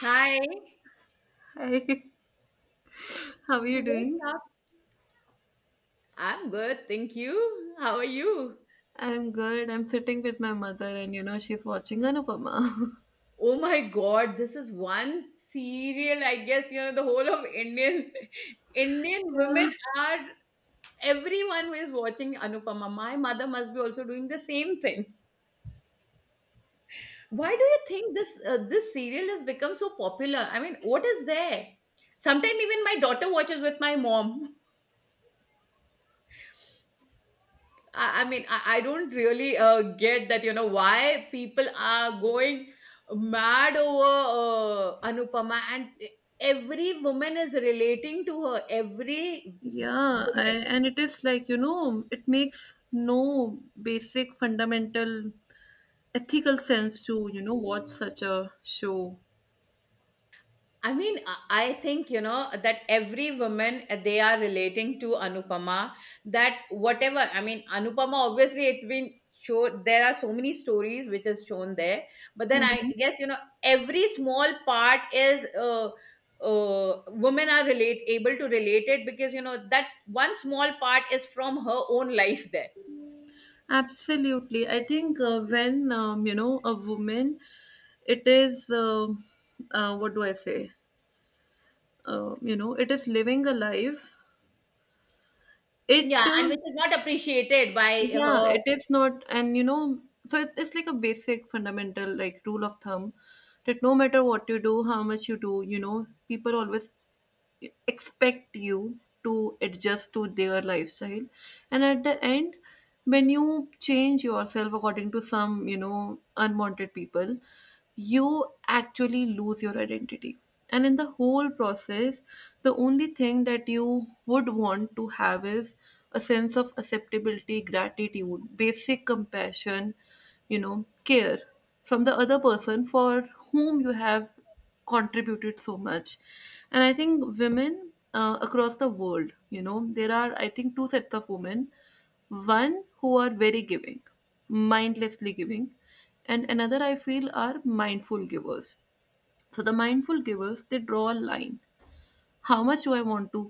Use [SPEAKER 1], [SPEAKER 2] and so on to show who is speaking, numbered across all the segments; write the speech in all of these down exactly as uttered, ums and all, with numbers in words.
[SPEAKER 1] Hi,
[SPEAKER 2] Hi, how are you
[SPEAKER 1] what's
[SPEAKER 2] doing?
[SPEAKER 1] up? I'm good, thank you. How are you?
[SPEAKER 2] I'm good. I'm sitting with my mother, and you know, she's watching Anupama.
[SPEAKER 1] Oh my God, this is one serial. I guess you know the whole of Indian Indian
[SPEAKER 2] Yeah.
[SPEAKER 1] women are everyone who is watching Anupama. My mother must be also doing the same thing. Why do you think this uh, this serial has become so popular? I mean, what is there? Sometimes even my daughter watches with my mom. I, I mean, I, I don't really uh, get that, you know, why people are going mad over uh, Anupama and e, every woman is relating to her. Every
[SPEAKER 2] Yeah, I,
[SPEAKER 1] woman.
[SPEAKER 2] and it is like, you know, it makes no basic fundamental ethical sense to, you know, watch such a show.
[SPEAKER 1] I mean, I I think, you know, that every woman, uh, they are relating to Anupama, that whatever, I mean, Anupama, obviously, it's been shown, there are so many stories which is shown there. But then I
[SPEAKER 2] Mhm.
[SPEAKER 1] guess, you know, every small part is, uh, uh, women are relate able to relate it because, you know, that one small part is from her own life there.
[SPEAKER 2] Absolutely. I think, uh, when, um, you know, a woman, it is, um uh, what do I say? Uh, you know, it is living a life. It.
[SPEAKER 1] Yeah,
[SPEAKER 2] Uh,
[SPEAKER 1] and which is not appreciated by
[SPEAKER 2] Yeah,
[SPEAKER 1] her.
[SPEAKER 2] it is not, and you know, so it's it's like a basic fundamental, like, rule of thumb, that no matter what you do, how much you do, you know, people always expect you to adjust to their lifestyle, and at the end, when you change yourself according to some you know unwanted people, you actually lose your identity, and in the whole process, the only thing that you would want to have is a sense of acceptability, gratitude, basic compassion, you know care, from the other person for whom you have contributed so much. And I think women, uh, across the world, you know there are, I think, two sets of women. One who are very giving, mindlessly giving, and another I feel are mindful givers. So the mindful givers, they draw a line, how much do I want to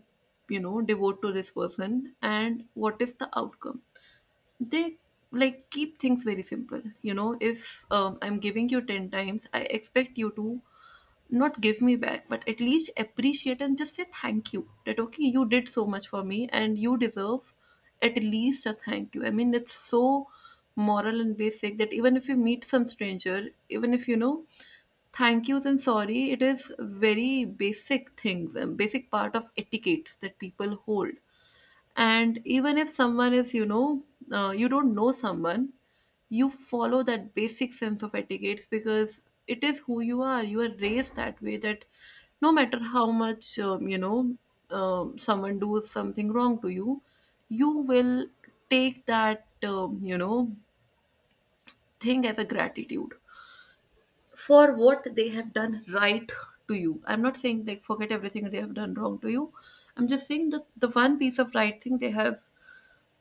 [SPEAKER 2] you know devote to this person, and what is the outcome? They, like, keep things very simple, you know if, um, I'm giving you ten times, I expect you to not give me back, but at least appreciate and just say thank you. That okay, you did so much for me and you deserve at least a thank you. I mean, it's so moral and basic that even if you meet some stranger, even if you know thank yous and sorry, it is very basic things and basic part of etiquettes that people hold. And even if someone is, you know uh, you don't know someone, you follow that basic sense of etiquette, because it is who you are, you are raised that way, that no matter how much, um, you know um, someone does something wrong to you, you will take that, um, you know thing, as a gratitude for what they have done right to you. I'm not saying, like, forget everything they have done wrong to you. I'm just saying that the one piece of right thing they have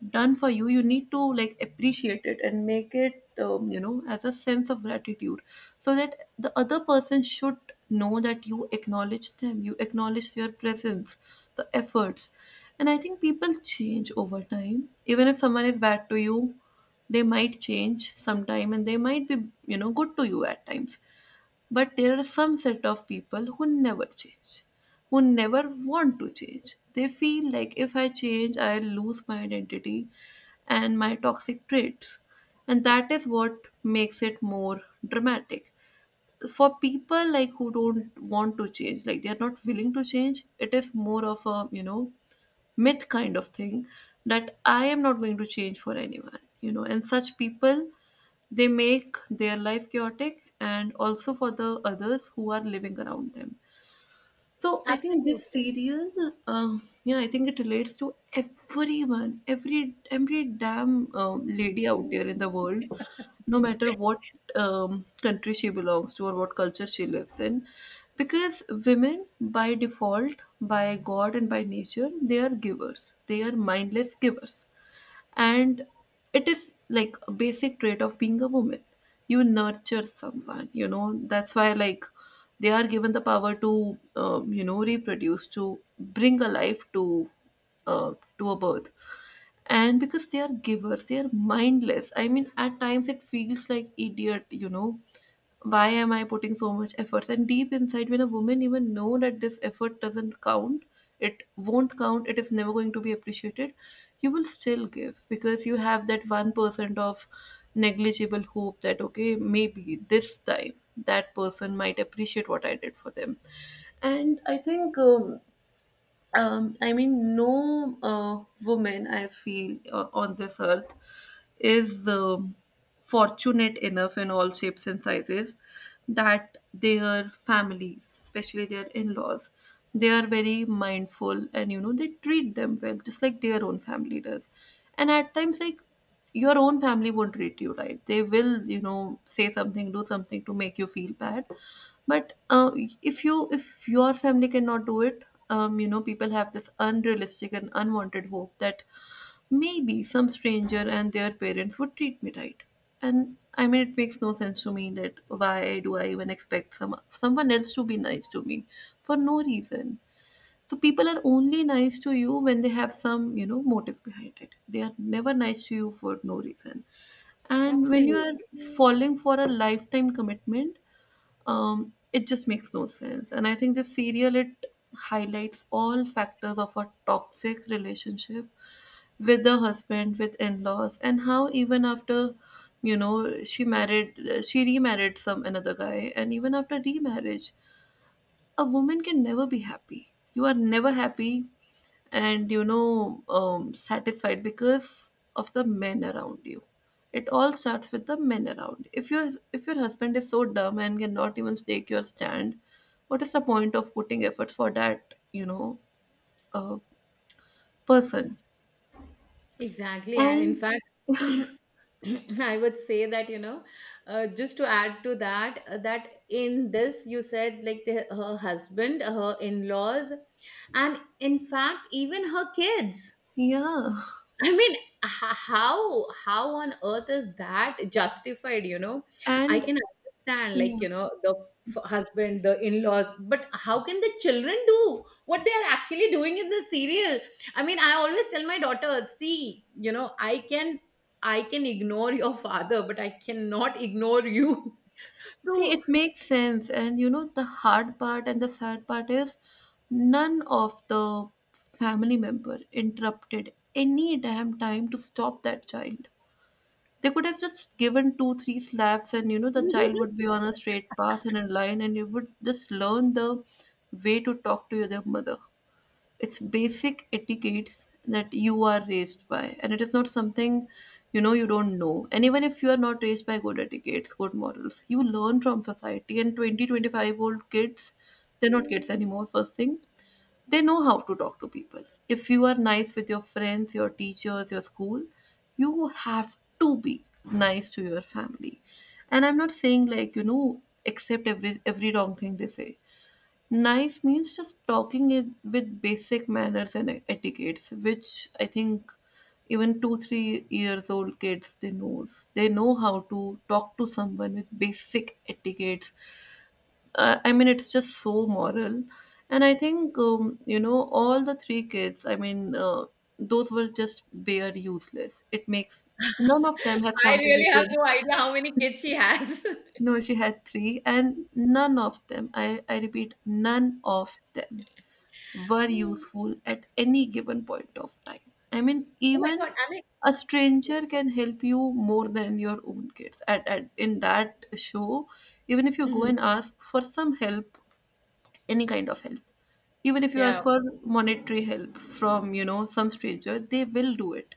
[SPEAKER 2] done for you, you need to, like, appreciate it and make it, um, you know as a sense of gratitude, so that the other person should know that you acknowledge them, you acknowledge their presence, the efforts. And I think people change over time. Even if someone is bad to you, they might change sometime, and they might be you know good to you at times. But there are some set of people who never change, who never want to change. They feel like if I change, I'll lose my identity and my toxic traits. And that is what makes it more dramatic. For people like who don't want to change, like they're not willing to change, it is more of a, you know, myth kind of thing, that I am not going to change for anyone, you know. And such people, they make their life chaotic, and also for the others who are living around them. So I think this
[SPEAKER 1] Absolutely.
[SPEAKER 2] serial, uh, yeah, I think it relates to everyone, every every damn, um, lady out there in the world, no matter what um, country she belongs to or what culture she lives in, because women by default, by God and by nature, they are givers. They are mindless givers, and it is like a basic trait of being a woman. You nurture someone, you know that's why, like, they are given the power to, um, you know reproduce, to bring a life to, uh, to a birth. And because they are givers, they are mindless. I mean, at times it feels like idiot, you know why am I putting so much efforts, and deep inside, when a woman even know that this effort doesn't count, it won't count, it is never going to be appreciated. You will still give because you have that one percent of negligible hope that okay, maybe this time that person might appreciate what I did for them. And I think, um, um, I mean, no uh, woman I feel, uh, on this earth is, um, fortunate enough, in all shapes and sizes, that their families, especially their in laws, they are very mindful, and you know they treat them well, just like their own family does. And at times, like, your own family won't treat you right, they will you know say something, do something, to make you feel bad, but uh, if you if your family cannot do it, um, you know people have this unrealistic and unwanted hope that maybe some stranger and their parents would treat me right. And I mean, it makes no sense to me, that why do I even expect some someone else to be nice to me for no reason. So people are only nice to you when they have some, you know, motive behind it. They are never nice to you for no reason. And when you
[SPEAKER 1] Absolutely.
[SPEAKER 2] are falling for a lifetime commitment, um, it just makes no sense. And I think this serial, it highlights all factors of a toxic relationship with the husband, with in-laws, and how even after, you know she married, she remarried some another guy, and even after remarriage, a woman can never be happy. You are never happy, and you know um, satisfied, because of the men around you. It all starts with the men around. If your if your husband is so dumb and cannot even take your stand, what is the point of putting effort for that, you know uh, person?
[SPEAKER 1] Exactly. And in
[SPEAKER 2] And
[SPEAKER 1] fact, I would say that, you know, uh, just to add to that, uh, that in this, you said like the, her husband, her in laws, and in fact, even her kids.
[SPEAKER 2] yeah,
[SPEAKER 1] I mean, h- how how on earth is that justified? You know, I
[SPEAKER 2] and
[SPEAKER 1] can understand,
[SPEAKER 2] yeah.
[SPEAKER 1] like you know, the f- husband, the in-laws, but how can the children do what they are actually doing in the serial? I mean, I always tell my daughter, see, you know, I can I can ignore your father, but I cannot ignore you.
[SPEAKER 2] See,
[SPEAKER 1] So
[SPEAKER 2] it makes sense. And you know, the hard part and the sad part is, none of the family member interrupted any damn time to stop that child. They could have just given two, three slaps, and you know, the child would be
[SPEAKER 1] I
[SPEAKER 2] on a straight path and in line, and you would just learn the way to talk to your their mother. It's basic etiquettes that you are raised by, and it is not something you know you don't know. And even if you are not raised by good etiquettes, good morals, you learn from society, and twenty, twenty-five old kids, they're not kids anymore. First thing, they know how to talk to people. If you are nice with your friends, your teachers, your school, you have to be nice to your family. And I'm not saying like, you know accept every every wrong thing they say. Nice means just talking it with basic manners and e-, etiquettes, which I think even two, three years old kids, they knows. They know how to talk to someone with basic etiquettes. Uh, I mean, it's just so moral, and I think, um, you know all the three kids. I mean, uh, those were just bare useless. It makes, none of them has
[SPEAKER 1] really have
[SPEAKER 2] contributed.
[SPEAKER 1] no idea how many kids she has.
[SPEAKER 2] No, she had three, and none of them. I I repeat, none of them were
[SPEAKER 1] Hmm.
[SPEAKER 2] useful at any given point of time. I mean,
[SPEAKER 1] Oh my
[SPEAKER 2] even
[SPEAKER 1] God, I mean,
[SPEAKER 2] a stranger can help you more than your own kids. At, at in that show, even if you go
[SPEAKER 1] Mhm,
[SPEAKER 2] and ask for some help, any kind of help, even if you
[SPEAKER 1] yeah.
[SPEAKER 2] ask for monetary help from you know some stranger, they will do it.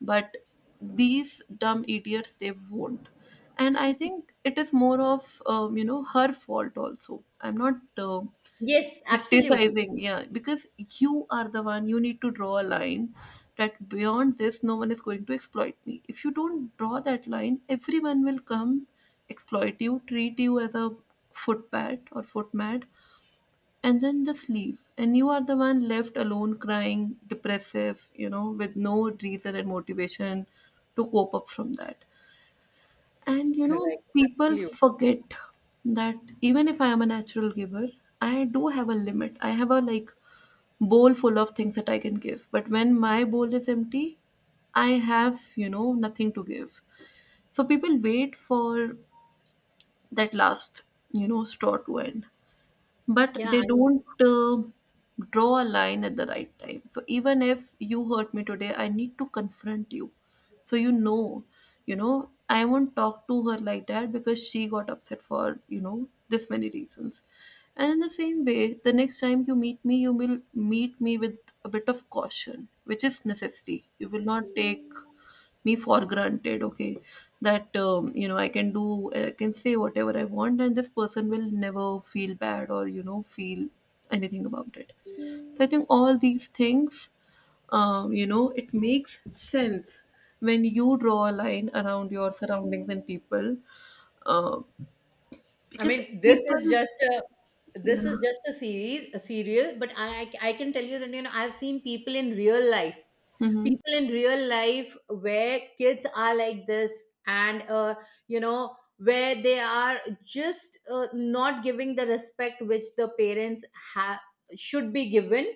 [SPEAKER 2] But these dumb idiots, they won't. And I think it is more of, um, you know her fault also. I'm not. Uh,
[SPEAKER 1] Yes, absolutely.
[SPEAKER 2] criticizing, yeah, because you are the one, you need to draw a line, that beyond this no one is going to exploit me. If you don't draw that line, everyone will come exploit you, treat you as a footpad or footmat, and then just leave, and you are the one left alone, crying, depressive, you know with no reason and motivation to cope up from that. And you know
[SPEAKER 1] Correct.
[SPEAKER 2] people
[SPEAKER 1] Absolutely.
[SPEAKER 2] forget that even if I am a natural giver, I do have a limit, I have a, like, bowl full of things that I can give. But when my bowl is empty, I have, you know, nothing to give. So people wait for that last, you know, straw to end, but
[SPEAKER 1] Yeah,
[SPEAKER 2] they
[SPEAKER 1] I
[SPEAKER 2] don't, uh, draw a line at the right time. So even if you hurt me today, I need to confront you. So you know, you know, I won't talk to her like that, because she got upset for, you know, this many reasons. And in the same way, the next time you meet me, you will meet me with a bit of caution, which is necessary. You will not take me for granted, okay, that, um, you know I can do I can say whatever I want, and this person will never feel bad, or you know feel anything about it. So I think all these things, um, you know it makes sense, when you draw a line around your surroundings and people, um, because
[SPEAKER 1] mean, this
[SPEAKER 2] people,
[SPEAKER 1] is just a
[SPEAKER 2] yeah.
[SPEAKER 1] this is just a series, a serial, but I I I can tell you that you know I've seen people in real life,
[SPEAKER 2] Hmm.
[SPEAKER 1] people in real life where kids are like this, and uh, you know where they are just uh, not giving the respect which the parents have should be given.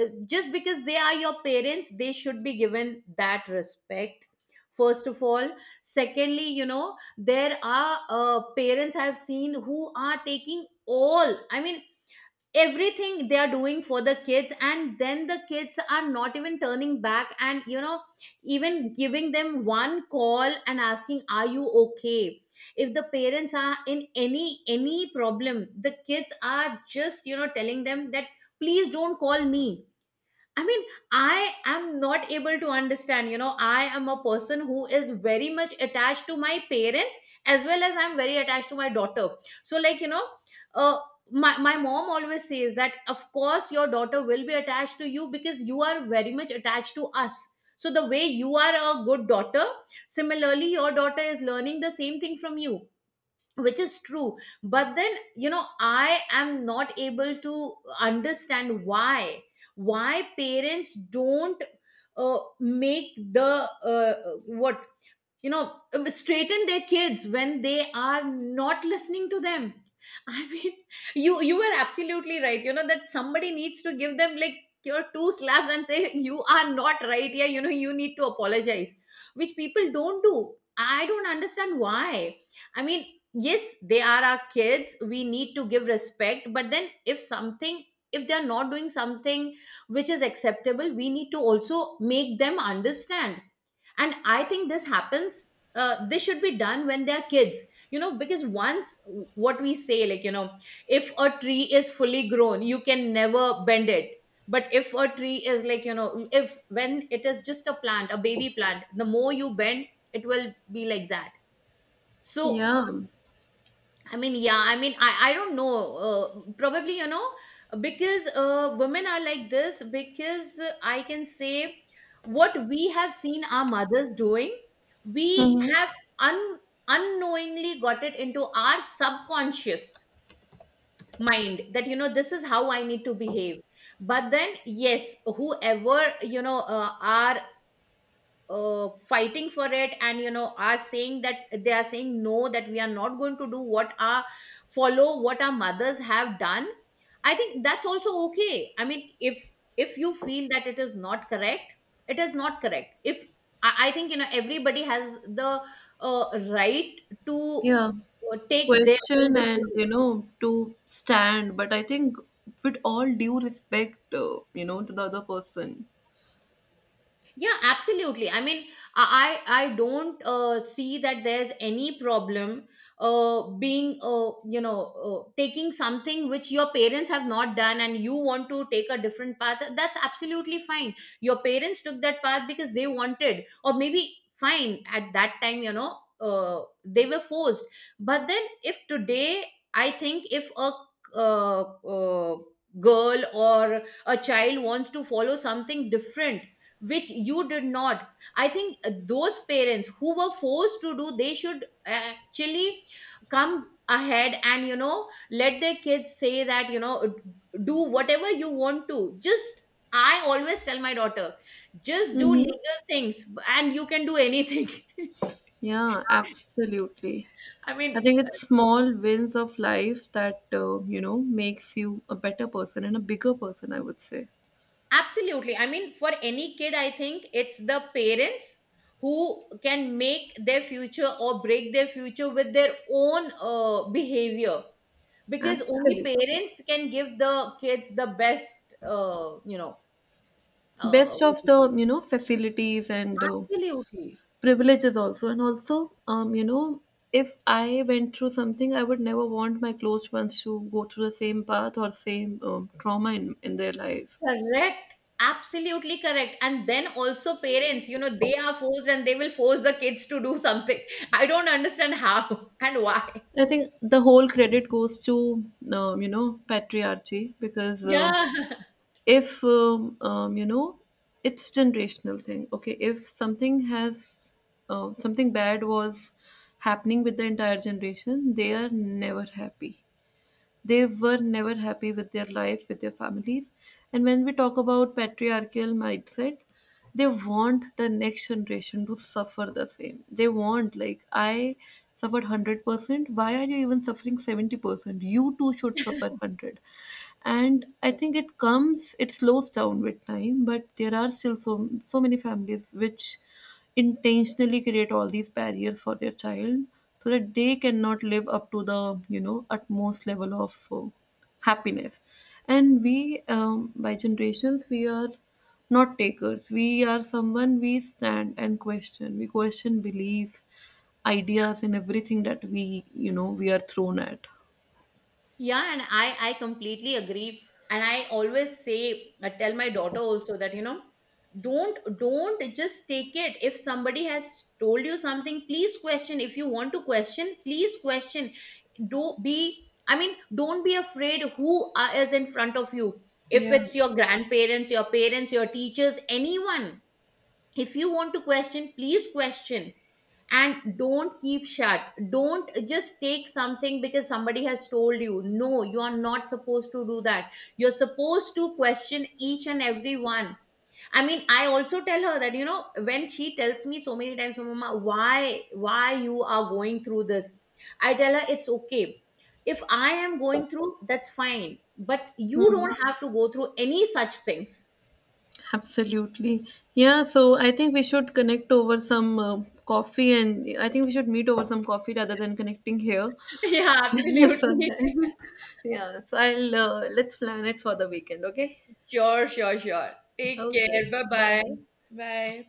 [SPEAKER 1] Uh, just because they are your parents they should be given that respect first of all. Secondly, you know, there are uh, parents I've seen who are taking all, I mean, everything they are doing for the kids, and then the kids are not even turning back and, you know, even giving them one call and asking, are you okay? If the parents are in any any problem, the kids are just, you know, telling them that please don't call me. I mean, I am not able to understand. You know, I am a person who is very much attached to my parents as well as I'm very attached to my daughter. So, like, you know, uh, my, my mom always says that, of course, your daughter will be attached to you because you are very much attached to us. So, the way you are a good daughter, similarly, your daughter is learning the same thing from you, which is true. But then, you know, I am not able to understand why why parents don't, uh, make the, uh, what you know, um, straighten their kids when they are not listening to them. I mean, you you were absolutely right, you know, that somebody needs to give them like your two slaps and say you are not right here, you know, you need to apologize, which people don't do. I don't understand why. I mean, yes, they are our kids, we need to give respect, but then if something, if they're not doing something which is acceptable, we need to also make them understand. And I think this happens, uh, this should be done when they're kids, you know, because once, what we say, like, you know, if a tree is fully grown you can never bend it, but if a tree is like, you know, if when it is just a plant, a baby plant, the more you bend it will be like that. So
[SPEAKER 2] Yeah.
[SPEAKER 1] I mean, yeah, I mean, I, I don't know. Uh, probably, you know, because uh, women are like this, because uh, I can say what we have seen our mothers doing, we
[SPEAKER 2] Hmm.
[SPEAKER 1] have un- unknowingly got it into our subconscious mind that, you know, this is how I need to behave. But then, yes, whoever, you know, uh, our uh, fighting for it and you know are saying that, they are saying no that we are not going to do what our, follow what our mothers have done. I think that's also okay. I mean, if if you feel that it is not correct, it is not correct. If i, I think, you know, everybody has the uh, right to
[SPEAKER 2] Yeah,
[SPEAKER 1] uh, take their own
[SPEAKER 2] question and
[SPEAKER 1] decision.
[SPEAKER 2] you know to stand, but I think, with all due respect, uh, you know, to the other person.
[SPEAKER 1] Yeah, absolutely. I mean, I I I don't uh, see that there's any problem uh, being uh, you know, uh, taking something which your parents have not done and you want to take a different path. That's absolutely fine. Your parents took that path because they wanted, or maybe fine at that time. You know, uh, they were forced. But then, if today, I think if a uh, uh, girl or a child wants to follow something different which you did not, I think uh, those parents who were forced to do they should actually come ahead and you know let their kids say that, you know, do whatever you want to. Just, I always tell my daughter, just do
[SPEAKER 2] Mm-hmm.
[SPEAKER 1] legal things and you can do anything.
[SPEAKER 2] Yeah, absolutely.
[SPEAKER 1] I mean,
[SPEAKER 2] I think it's small wins of life that, uh, you know makes you a better person and a bigger person, I would say.
[SPEAKER 1] absolutely, I mean, for any kid I think it's the parents who can make their future or break their future with their own uh, behavior, because only
[SPEAKER 2] Absolutely.
[SPEAKER 1] parents can give the kids the best, uh, you know, uh,
[SPEAKER 2] Best of the you know facilities, and uh,
[SPEAKER 1] absolutely
[SPEAKER 2] privileges also, and also, um you know if I went through something, I would never want my close ones to go through the same path or same, um, trauma, in, in their life.
[SPEAKER 1] correct, absolutely correct. And then also parents, you know, they are forced and they will force the kids to do something. I don't understand how and why.
[SPEAKER 2] I think the whole credit goes to, um, you know patriarchy, because, um
[SPEAKER 1] Yeah.
[SPEAKER 2] if, um, um, you know it's generational thing, okay. If something has, uh, something bad was happening with the entire generation, they are never happy, they were never happy with their life, with their families. And when we talk about patriarchal mindset, they want the next generation to suffer the same. They want, like, I suffered one hundred percent, why are you even suffering seventy percent? You too should suffer one hundred. And I think it comes it slows down with time, but there are still so so many families, which intentionally create all these barriers for their child, so that they cannot live up to the you know utmost level of, uh, happiness. And we, um, by generations, we are not takers, we are someone, we stand and question, we question beliefs, ideas, and everything that we you know we are thrown at.
[SPEAKER 1] Yeah, and I I completely agree. And I always say, I tell my daughter also that, you know, don't don't just take it. If somebody has told you something, please question. If you want to question, please question. Do be, I mean, don't be afraid who are- is in front of you. If
[SPEAKER 2] Yeah.
[SPEAKER 1] it's your grandparents, your parents, your teachers, anyone. If you want to question, please question, and don't keep shut. Don't just take something because somebody has told you, no, you are not supposed to do that, you're supposed to question each and every one. I mean, I also tell her that, you know, when she tells me so many times, mama, why why you are going through this, I tell her it's okay. If I am going through, that's fine, but you
[SPEAKER 2] Hmm.
[SPEAKER 1] don't have to go through any such things.
[SPEAKER 2] Absolutely. Yeah, so I think we should connect over some, uh, coffee, and I think we should meet over some coffee, rather than connecting here
[SPEAKER 1] Yeah, absolutely.
[SPEAKER 2] sometime. Yeah, so I'll uh, let's plan it for the weekend, okay?
[SPEAKER 1] Sure, sure, sure. Take
[SPEAKER 2] Okay,
[SPEAKER 1] care, bye bye.
[SPEAKER 2] bye.
[SPEAKER 1] Bye.